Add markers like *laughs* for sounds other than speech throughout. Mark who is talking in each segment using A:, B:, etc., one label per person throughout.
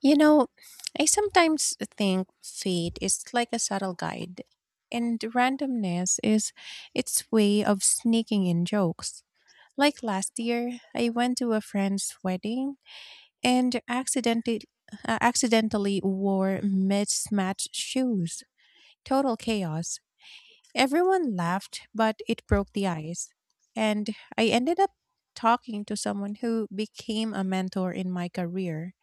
A: You know, I sometimes think fate is like a subtle guide, and randomness is its way of sneaking in jokes. Like last year, I went to a friend's wedding and accidentally wore mismatched shoes. Total chaos. Everyone laughed, but it broke the ice. And I ended up talking to someone who became a mentor in my career.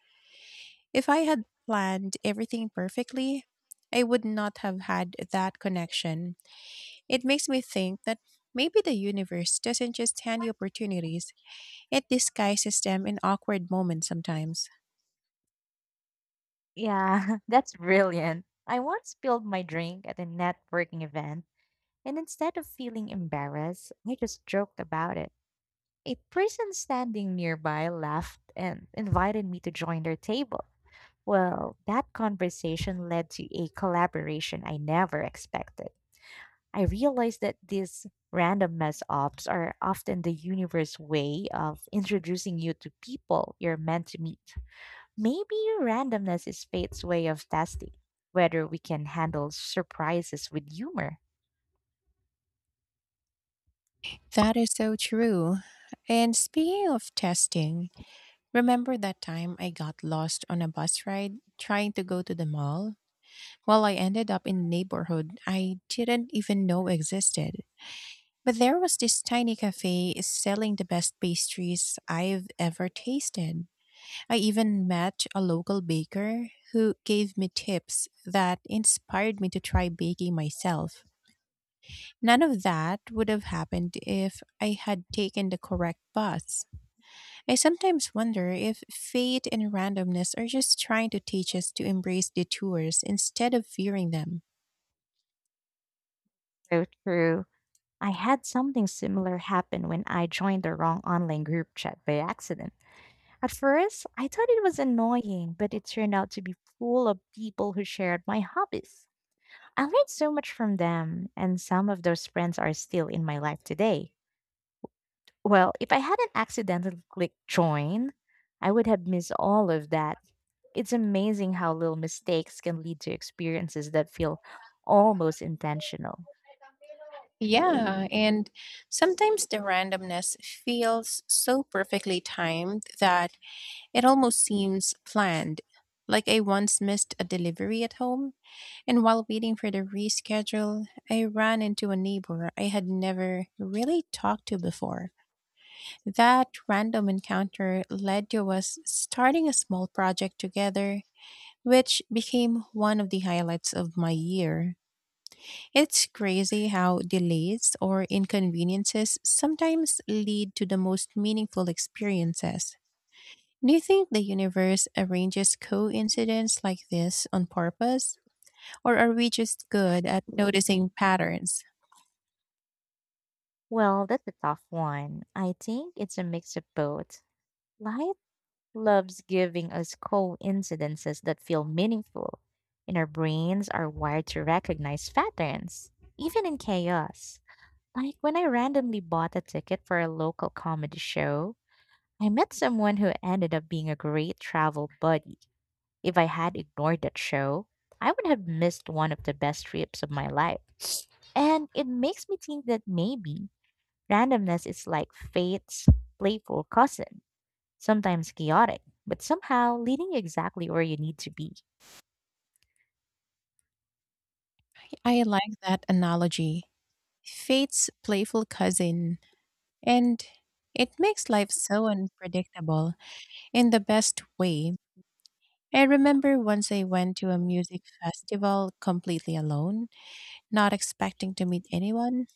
A: If I had planned everything perfectly, I would not have had that connection. It makes me think that maybe the universe doesn't just hand you opportunities, it disguises them in awkward moments sometimes.
B: Yeah, *laughs* that's brilliant. I once spilled my drink at a networking event, and instead of feeling embarrassed, I just joked about it. A person standing nearby laughed and invited me to join their table. Well, that conversation led to a collaboration I never expected. I realized that these random mess ups are often the universe way of introducing you to people you're meant to meet. Maybe randomness is fate's way of testing whether we can handle surprises with humor.
A: That is so true. And speaking of testing, remember that time I got lost on a bus ride trying to go to the mall? Well, I ended up in a neighborhood I didn't even know existed. But there was this tiny cafe selling the best pastries I've ever tasted. I even met a local baker who gave me tips that inspired me to try baking myself. None of that would have happened if I had taken the correct bus. I sometimes wonder if fate and randomness are just trying to teach us to embrace detours instead of fearing them.
B: So true. I had something similar happen when I joined the wrong online group chat by accident. At first, I thought it was annoying, but it turned out to be full of people who shared my hobbies. I learned so much from them, and some of those friends are still in my life today. Well, if I hadn't accidentally clicked join, I would have missed all of that. It's amazing how little mistakes can lead to experiences that feel almost intentional.
A: Yeah, and sometimes the randomness feels so perfectly timed that it almost seems planned. Like I once missed a delivery at home, and while waiting for the reschedule, I ran into a neighbor I had never really talked to before. That random encounter led to us starting a small project together, which became one of the highlights of my year. It's crazy how delays or inconveniences sometimes lead to the most meaningful experiences. Do you think the universe arranges coincidence like this on purpose, or are we just good at noticing patterns?
B: Well, that's a tough one. I think it's a mix of both. Life loves giving us coincidences that feel meaningful, and our brains are wired to recognize patterns, even in chaos. Like when I randomly bought a ticket for a local comedy show, I met someone who ended up being a great travel buddy. If I had ignored that show, I would have missed one of the best trips of my life. And it makes me think that maybe randomness is like fate's playful cousin, sometimes chaotic, but somehow leading you exactly where you need to be.
A: I like that analogy. Fate's playful cousin. And it makes life so unpredictable in the best way. I remember once I went to a music festival completely alone, not expecting to meet anyone.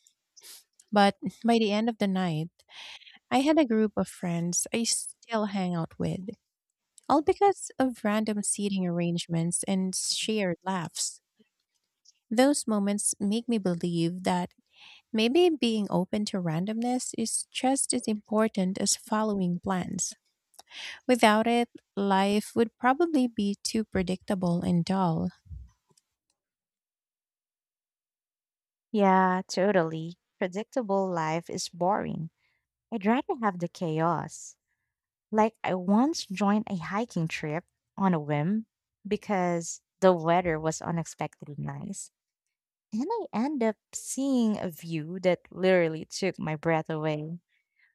A: But by the end of the night, I had a group of friends I still hang out with, all because of random seating arrangements and shared laughs. Those moments make me believe that maybe being open to randomness is just as important as following plans. Without it, life would probably be too predictable and dull.
B: Yeah, totally. Predictable life is boring. I'd rather have the chaos. Like, I once joined a hiking trip on a whim because the weather was unexpectedly nice. And I end up seeing a view that literally took my breath away.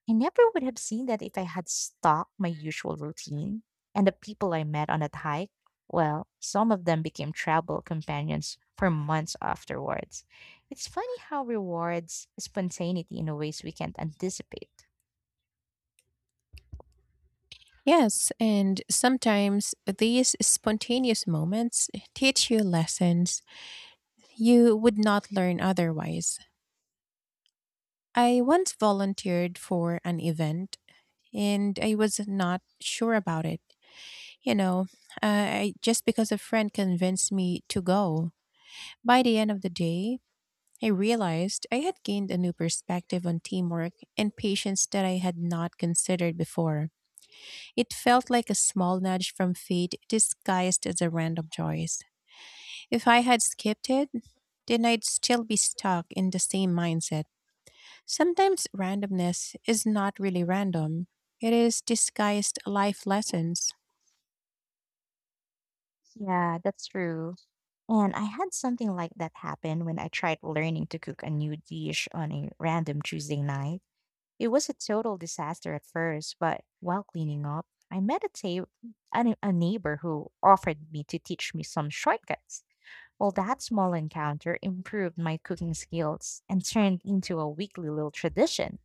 B: I never would have seen that if I had stuck my usual routine. And the people I met on that hike, well, some of them became travel companions for months afterwards. It's funny how rewards spontaneity in ways we can't anticipate.
A: Yes, and sometimes these spontaneous moments teach you lessons you would not learn otherwise. I once volunteered for an event and I was not sure about it. You know, just because a friend convinced me to go. By the end of the day, I realized I had gained a new perspective on teamwork and patience that I had not considered before. It felt like a small nudge from fate disguised as a random choice. If I had skipped it, then I'd still be stuck in the same mindset. Sometimes randomness is not really random, it is disguised life lessons.
B: Yeah, that's true. And I had something like that happen when I tried learning to cook a new dish on a random Tuesday night. It was a total disaster at first, but while cleaning up, I met a, ta- a, ne- a neighbor who offered me to teach me some shortcuts. Well, that small encounter improved my cooking skills and turned into a weekly little tradition.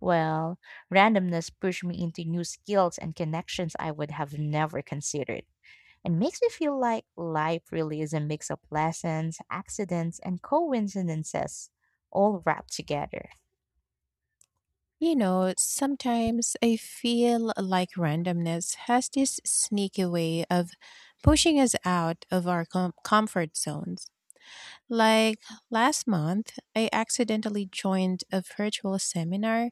B: Well, randomness pushed me into new skills and connections I would have never considered. It makes me feel like life really is a mix of lessons, accidents, and coincidences all wrapped together.
A: You know, sometimes I feel like randomness has this sneaky way of pushing us out of our comfort zones. Like last month, I accidentally joined a virtual seminar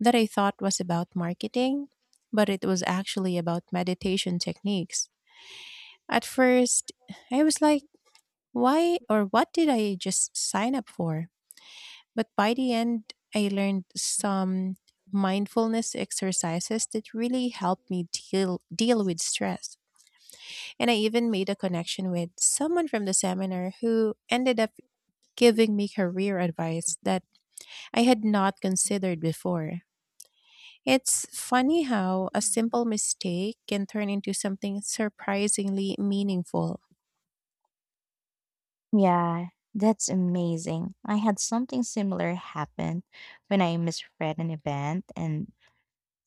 A: that I thought was about marketing, but it was actually about meditation techniques. At first, I was like, why or what did I just sign up for? But by the end, I learned some mindfulness exercises that really helped me deal with stress. And I even made a connection with someone from the seminar who ended up giving me career advice that I had not considered before. It's funny how a simple mistake can turn into something surprisingly meaningful.
B: Yeah, that's amazing. I had something similar happen when I misread an event and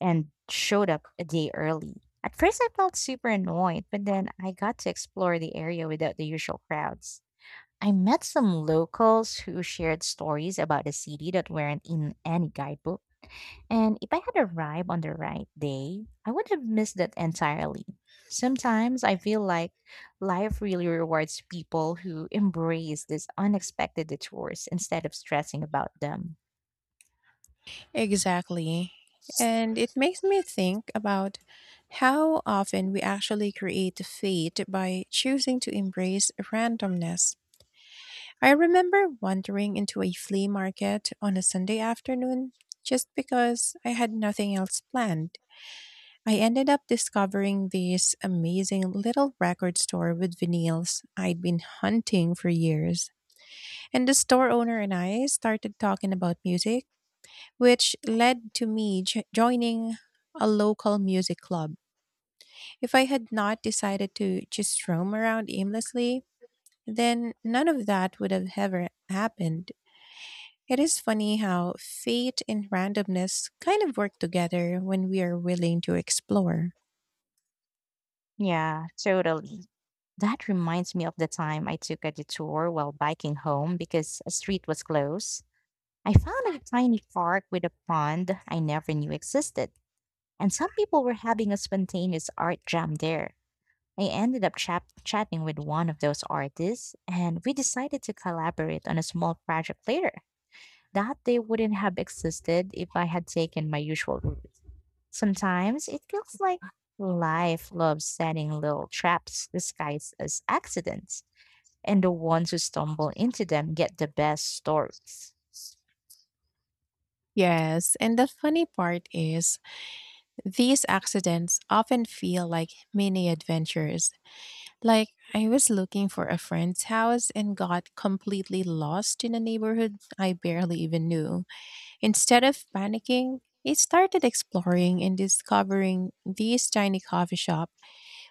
B: and showed up a day early. At first I felt super annoyed, but then I got to explore the area without the usual crowds. I met some locals who shared stories about the city that weren't in any guidebook, and if I had arrived on the right day, I would have missed that entirely. Sometimes I feel like life really rewards people who embrace these unexpected detours instead of stressing about them.
A: Exactly. And it makes me think about how often we actually create fate by choosing to embrace randomness. I remember wandering into a flea market on a Sunday afternoon just because I had nothing else planned. I ended up discovering this amazing little record store with vinyls I'd been hunting for years. And the store owner and I started talking about music which led to me joining a local music club. If I had not decided to just roam around aimlessly, then none of that would have ever happened. It is funny how fate and randomness kind of work together when we are willing to explore.
B: Yeah, totally. That reminds me of the time I took a detour while biking home because a street was closed. I found a tiny park with a pond I never knew existed, and some people were having a spontaneous art jam there. I ended up chatting with one of those artists, and we decided to collaborate on a small project later. That day wouldn't have existed if I had taken my usual route. Sometimes it feels like life loves setting little traps disguised as accidents, and the ones who stumble into them get the best stories.
A: Yes, and the funny part is, these accidents often feel like mini adventures. Like, I was looking for a friend's house and got completely lost in a neighborhood I barely even knew. Instead of panicking, I started exploring and discovering this tiny coffee shop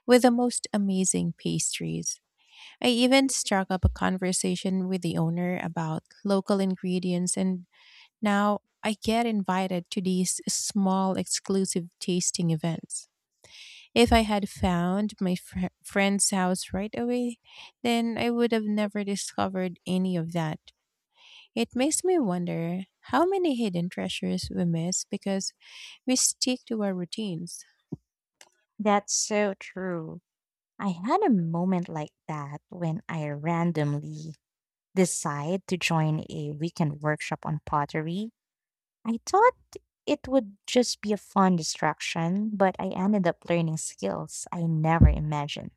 A: with the most amazing pastries. I even struck up a conversation with the owner about local ingredients, and now I get invited to these small exclusive tasting events. If I had found my friend's house right away, then I would have never discovered any of that. It makes me wonder how many hidden treasures we miss because we stick to our routines.
B: That's so true. I had a moment like that when I randomly decide to join a weekend workshop on pottery. I thought it would just be a fun distraction, but I ended up learning skills I never imagined.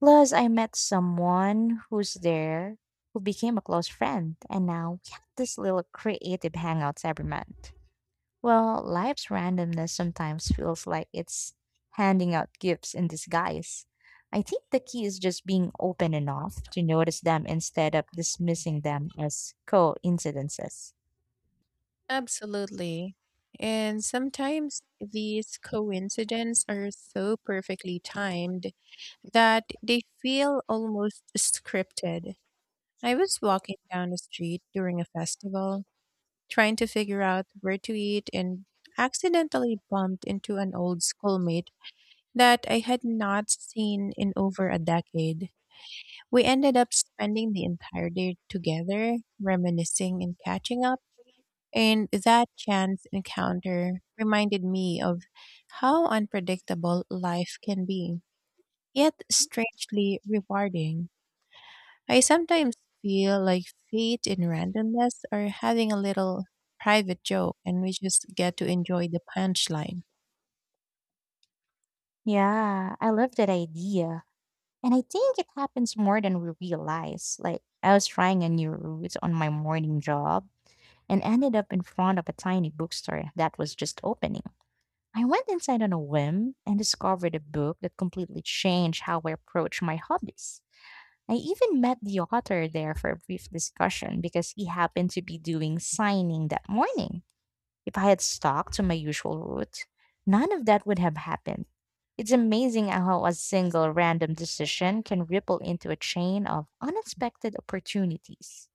B: Plus, I met someone who's there who became a close friend, and now we have this little creative hangouts every month. Well, life's randomness sometimes feels like it's handing out gifts in disguise. I think the key is just being open enough to notice them instead of dismissing them as coincidences.
A: Absolutely. And sometimes these coincidences are so perfectly timed that they feel almost scripted. I was walking down the street during a festival, trying to figure out where to eat, and accidentally bumped into an old schoolmate that I had not seen in over a decade. We ended up spending the entire day together, reminiscing and catching up, and that chance encounter reminded me of how unpredictable life can be, yet strangely rewarding. I sometimes feel like fate and randomness are having a little private joke and we just get to enjoy the punchline.
B: Yeah, I love that idea. And I think it happens more than we realize. Like, I was trying a new route on my morning job and ended up in front of a tiny bookstore that was just opening. I went inside on a whim and discovered a book that completely changed how I approach my hobbies. I even met the author there for a brief discussion because he happened to be doing signing that morning. If I had stuck to my usual route, none of that would have happened. It's amazing how a single random decision can ripple into a chain of unexpected opportunities.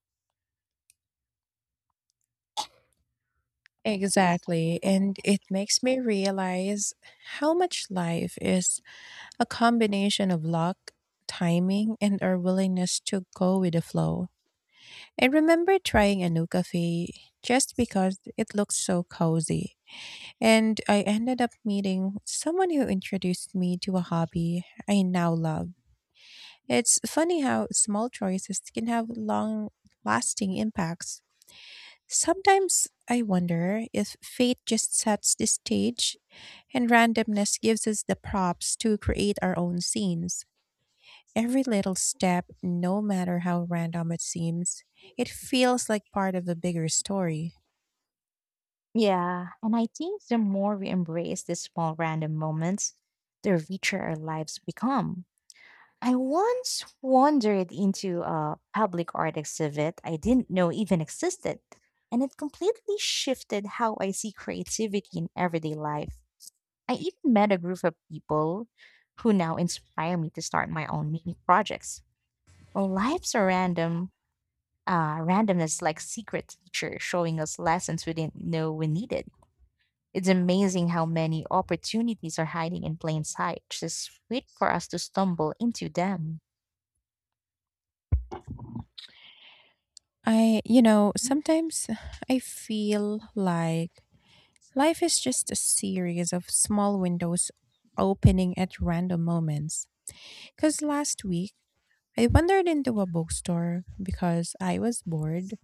A: Exactly. And it makes me realize how much life is a combination of luck, timing, and our willingness to go with the flow. I remember trying a new cafe just because it looked so cozy. And I ended up meeting someone who introduced me to a hobby I now love. It's funny how small choices can have long lasting impacts. Sometimes I wonder if fate just sets the stage and randomness gives us the props to create our own scenes. Every little step, no matter how random it seems, it feels like part of a bigger story.
B: Yeah, and I think the more we embrace these small random moments, the richer our lives become. I once wandered into a public art exhibit I didn't know even existed, and it completely shifted how I see creativity in everyday life. I even met a group of people who now inspire me to start my own mini projects. Well, randomness like secret teacher showing us lessons we didn't know we needed. It's amazing how many opportunities are hiding in plain sight, just wait for us to stumble into them.
A: You know, sometimes I feel like life is just a series of small windows opening at random moments. Because last week, I wandered into a bookstore because I was bored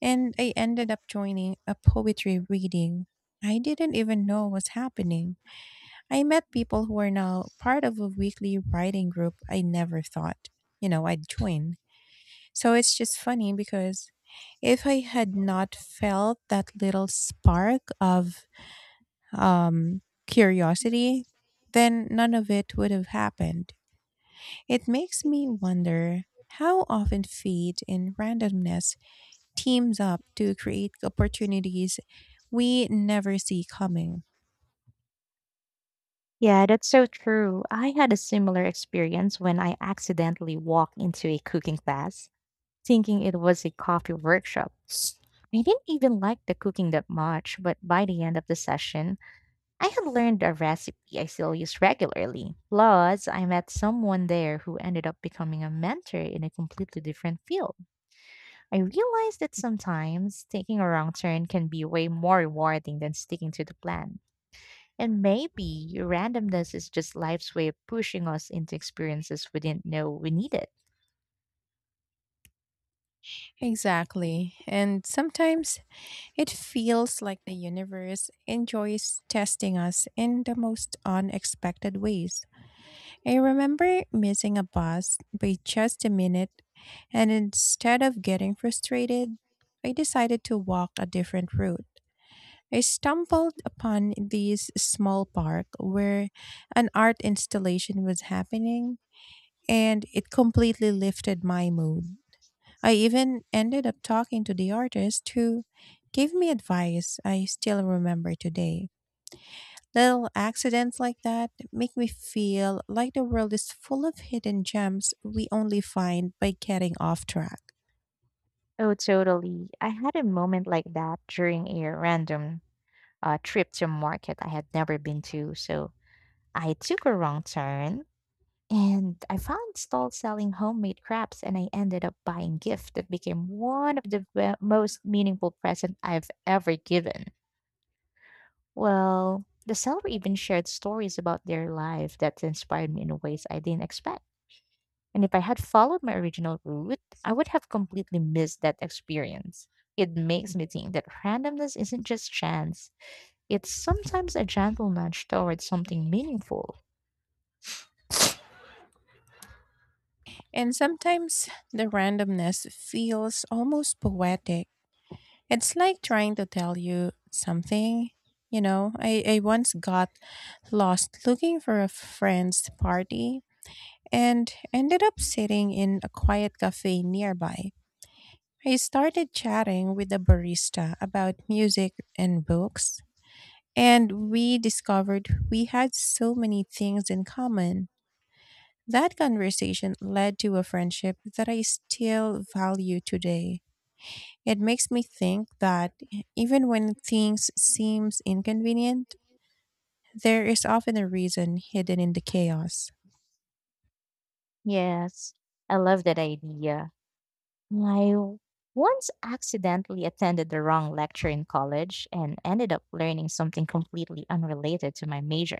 A: and I ended up joining a poetry reading. I didn't even know was happening. I met people who are now part of a weekly writing group I never thought, you know, I'd join. So it's just funny because if I had not felt that little spark of um, curiosity, then none of it would have happened. It makes me wonder how often fate and randomness teams up to create opportunities we never see coming.
B: Yeah, that's so true. I had a similar experience when I accidentally walked into a cooking class, thinking it was a coffee workshop. I didn't even like the cooking that much, but by the end of the session, I had learned a recipe I still use regularly. Plus, I met someone there who ended up becoming a mentor in a completely different field. I realized that sometimes taking a wrong turn can be way more rewarding than sticking to the plan. And maybe randomness is just life's way of pushing us into experiences we didn't know we needed.
A: Exactly. And sometimes it feels like the universe enjoys testing us in the most unexpected ways. I remember missing a bus by just a minute, and instead of getting frustrated, I decided to walk a different route. I stumbled upon this small park where an art installation was happening, and it completely lifted my mood. I even ended up talking to the artist who gave me advice I still remember today. Little accidents like that make me feel like the world is full of hidden gems we only find by getting off track.
B: Oh, totally. I had a moment like that during a random trip to a market I had never been to. So I took a wrong turn, and I found stalls selling homemade crafts, and I ended up buying gift that became one of the most meaningful present I've ever given. Well, the seller even shared stories about their life that inspired me in ways I didn't expect. And if I had followed my original route, I would have completely missed that experience. It makes me think that randomness isn't just chance, it's sometimes a gentle nudge towards something meaningful.
A: And sometimes the randomness feels almost poetic. It's like trying to tell you something. You know, I once got lost looking for a friend's party and ended up sitting in a quiet cafe nearby. I started chatting with the barista about music and books, and we discovered we had so many things in common. That conversation led to a friendship that I still value today. It makes me think that even when things seems inconvenient, there is often a reason hidden in the chaos.
B: Yes, I love that idea. I once accidentally attended the wrong lecture in college and ended up learning something completely unrelated to my major.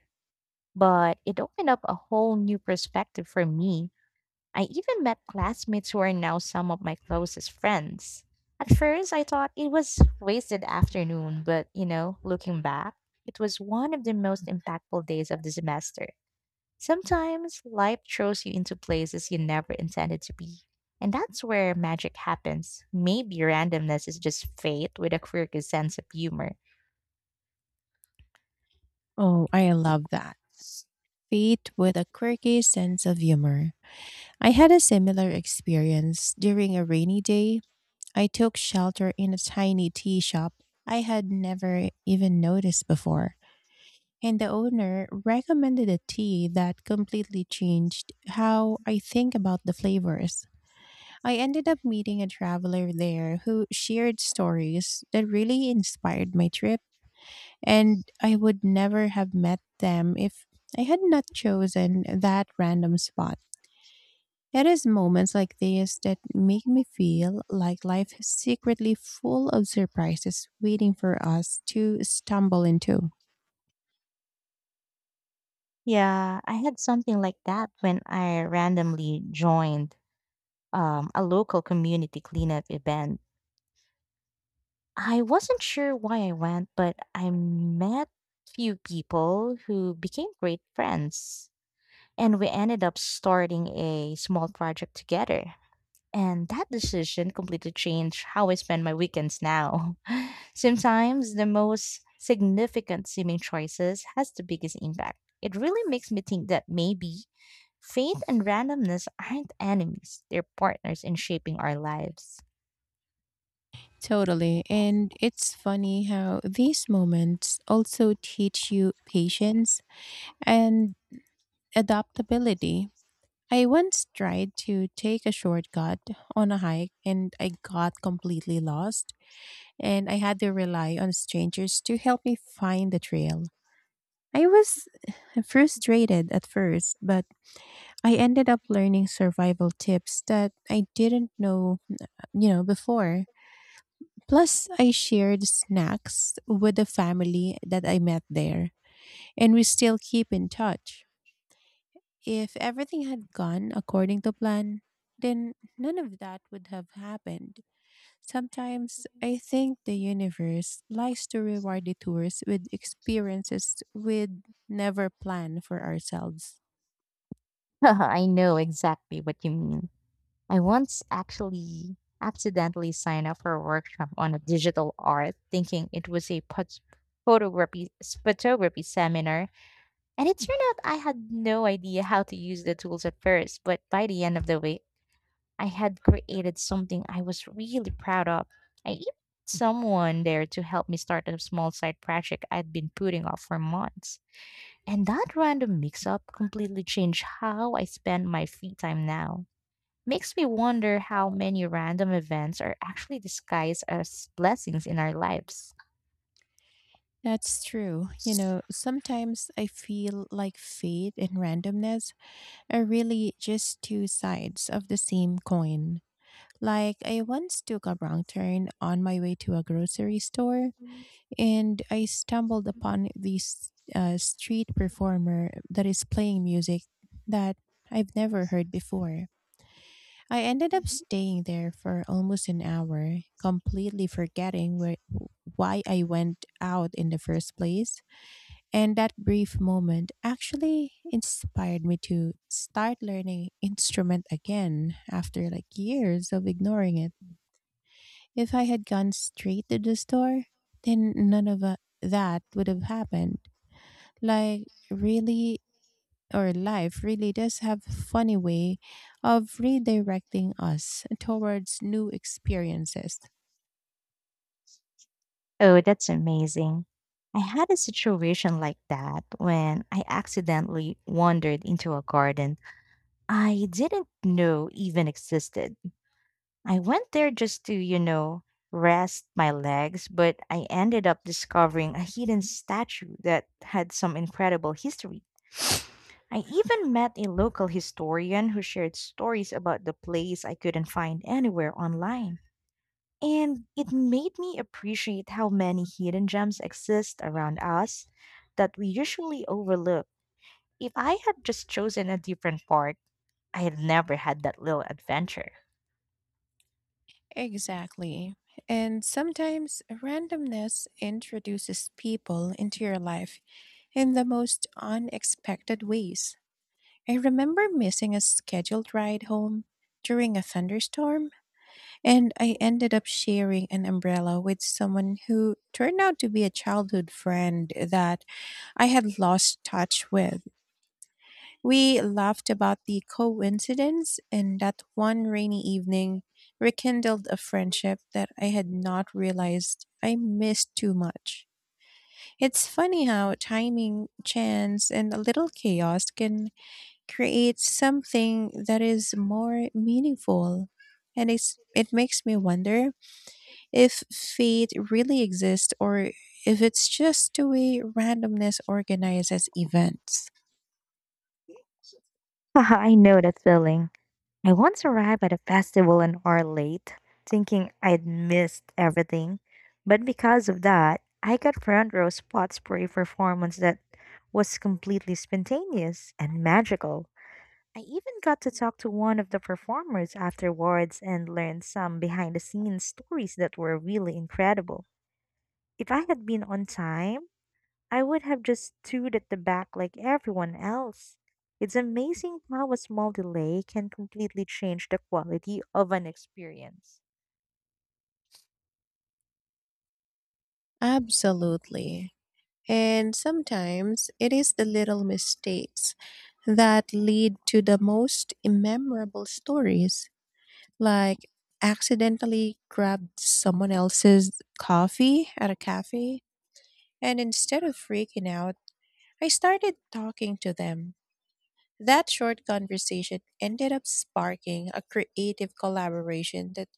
B: But it opened up a whole new perspective for me. I even met classmates who are now some of my closest friends. At first, I thought it was wasted afternoon, but you know, looking back, it was one of the most impactful days of the semester. Sometimes life throws you into places you never intended to be. And that's where magic happens. Maybe randomness is just fate with a quirky sense of humor.
A: Oh, I love that. Fate with a quirky sense of humor. I had a similar experience during a rainy day. I took shelter in a tiny tea shop I had never even noticed before, and the owner recommended a tea that completely changed how I think about the flavors. I ended up meeting a traveler there who shared stories that really inspired my trip, and I would never have met them if I had not chosen that random spot. It is moments like these that make me feel like life is secretly full of surprises waiting for us to stumble into.
B: Yeah, I had something like that when I randomly joined a local community cleanup event. I wasn't sure why I went, but I met few people who became great friends. And we ended up starting a small project together. And that decision completely changed how I spend my weekends now. *laughs* Sometimes the most significant seeming choices has the biggest impact. It really makes me think that maybe fate and randomness aren't enemies, they're partners in shaping our lives.
A: Totally. And it's funny how these moments also teach you patience and adaptability. I once tried to take a shortcut on a hike and I got completely lost, and I had to rely on strangers to help me find the trail. I was *sighs* frustrated at first, but I ended up learning survival tips that I didn't know, you know, before. Plus, I shared snacks with the family that I met there, and we still keep in touch. If everything had gone according to plan, then none of that would have happened. Sometimes I think the universe likes to reward detours with experiences we'd never plan for ourselves.
B: *laughs* I know exactly what you mean. I once actually accidentally signed up for a workshop on a digital art thinking it was a photography seminar. And it turned out I had no idea how to use the tools at first, but by the end of the week, I had created something I was really proud of. I even had someone there to help me start a small side project I'd been putting off for months. And that random mix up completely changed how I spend my free time now. Makes me wonder how many random events are actually disguised as blessings in our lives.
A: That's true. You know, sometimes I feel like fate and randomness are really just two sides of the same coin. Like, I once took a wrong turn on my way to a grocery store and I stumbled upon this street performer that is playing music that I've never heard before. I ended up staying there for almost an hour, completely forgetting where, why I went out in the first place. And that brief moment actually inspired me to start learning instrument again after like years of ignoring it. If I had gone straight to the store, then none of that would have happened. Like, really, or life really does have a funny way of redirecting us towards new experiences.
B: Oh, that's amazing. I had a situation like that when I accidentally wandered into a garden I didn't know even existed. I went there just to, you know, rest my legs, but I ended up discovering a hidden statue that had some incredible history. *sniffs* I even met a local historian who shared stories about the place I couldn't find anywhere online. And it made me appreciate how many hidden gems exist around us that we usually overlook. If I had just chosen a different park, I had never had that little adventure.
A: Exactly. And sometimes randomness introduces people into your life in the most unexpected ways. I remember missing a scheduled ride home during a thunderstorm. And I ended up sharing an umbrella with someone who turned out to be a childhood friend that I had lost touch with. We laughed about the coincidence, and that one rainy evening rekindled a friendship that I had not realized I missed too much. It's funny how timing, chance, and a little chaos can create something that is more meaningful. And it makes me wonder if fate really exists or if it's just the way randomness organizes events.
B: *laughs* I know that feeling. I once arrived at a festival an hour late, thinking I'd missed everything. But because of that, I got front row spots for a performance that was completely spontaneous and magical. I even got to talk to one of the performers afterwards and learned some behind the scenes stories that were really incredible. If I had been on time, I would have just stood at the back like everyone else. It's amazing how a small delay can completely change the quality of an experience.
A: Absolutely. And sometimes it is the little mistakes that lead to the most memorable stories, like accidentally grabbed someone else's coffee at a cafe, and instead of freaking out, I started talking to them. That short conversation ended up sparking a creative collaboration that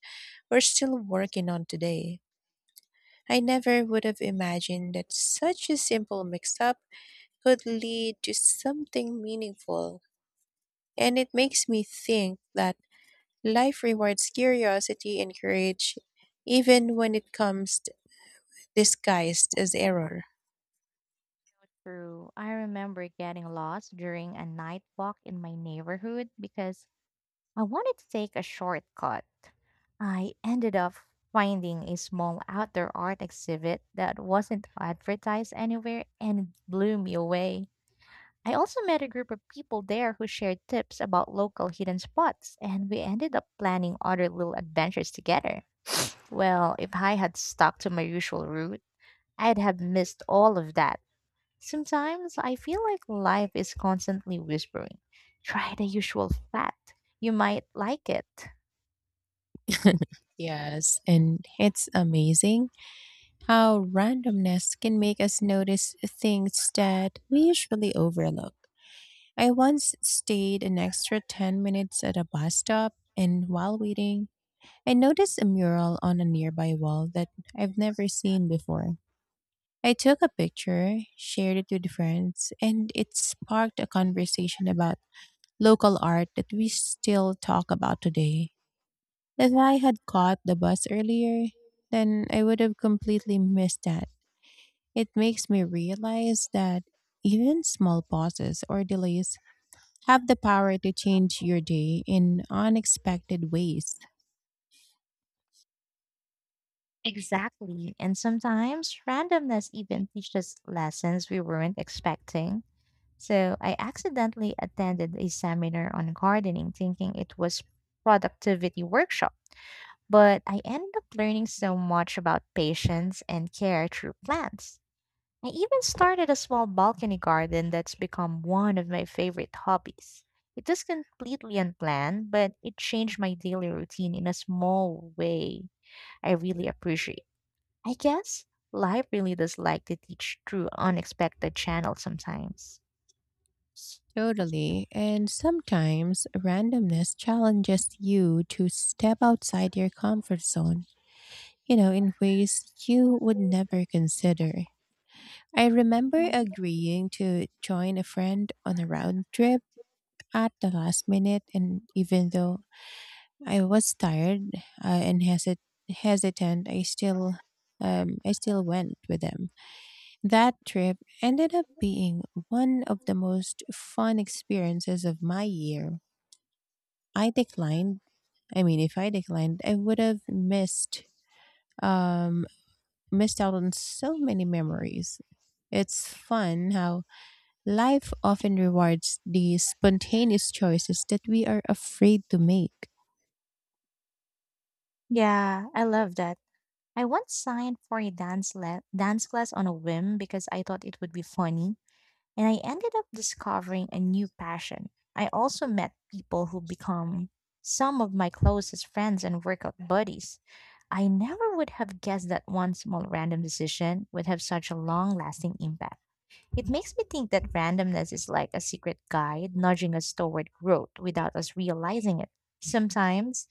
A: we're still working on today. I never would have imagined that such a simple mix up could lead to something meaningful. And it makes me think that life rewards curiosity and courage even when disguised as error.
B: True. I remember getting lost during a night walk in my neighborhood because I wanted to take a shortcut. I ended up finding a small outdoor art exhibit that wasn't advertised anywhere and it blew me away. I also met a group of people there who shared tips about local hidden spots, and we ended up planning other little adventures together. Well, if I had stuck to my usual route, I'd have missed all of that. Sometimes I feel like life is constantly whispering, try the usual flat. You might like it.
A: Yes, and it's amazing how randomness can make us notice things that we usually overlook. I once stayed an extra 10 minutes at a bus stop, and while waiting, I noticed a mural on a nearby wall that I've never seen before. I took a picture, shared it with friends, and it sparked a conversation about local art that we still talk about today. If I had caught the bus earlier, then I would have completely missed that. It makes me realize that even small pauses or delays have the power to change your day in unexpected ways.
B: Exactly. And sometimes randomness even teaches lessons we weren't expecting. So I accidentally attended a seminar on gardening thinking it was productivity workshop, but I ended up learning so much about patience and care through plants. I even started a small balcony garden that's become one of my favorite hobbies. It was completely unplanned, but it changed my daily routine in a small way I really appreciate. I guess life really does like to teach through unexpected channels sometimes.
A: Totally. And sometimes randomness challenges you to step outside your comfort zone, you know, in ways you would never consider. I remember agreeing to join a friend on a round trip at the last minute, and even though I was tired and hesitant. I still went with them. That trip ended up being one of the most fun experiences of my year. I declined. I mean, if I declined, I would have missed um, missed out on so many memories. It's fun how life often rewards the spontaneous choices that we are afraid to make.
B: Yeah, I love that. I once signed for a dance class on a whim because I thought it would be funny, and I ended up discovering a new passion. I also met people who become some of my closest friends and workout buddies. I never would have guessed that one small random decision would have such a long-lasting impact. It makes me think that randomness is like a secret guide nudging us toward growth without us realizing it. Sometimes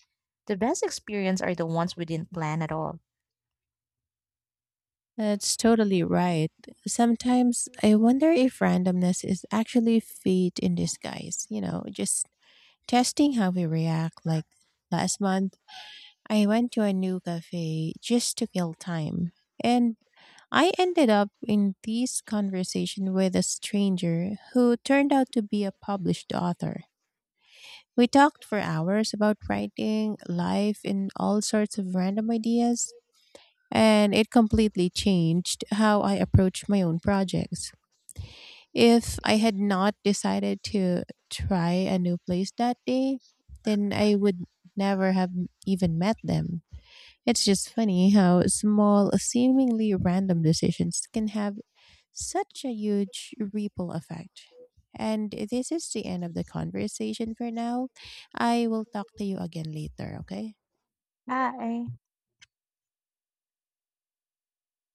B: the best experience are the ones we didn't plan at all.
A: That's totally right. Sometimes I wonder if randomness is actually fate in disguise, you know, just testing how we react. Like last month, I went to a new cafe just to kill time. And I ended up in this conversation with a stranger who turned out to be a published author. We talked for hours about writing, life, and all sorts of random ideas and it completely changed how I approach my own projects. If I had not decided to try a new place that day, then I would never have even met them. It's just funny how small, seemingly random decisions can have such a huge ripple effect. And this is the end of the conversation for now. I will talk to you again later, okay?
B: Hi.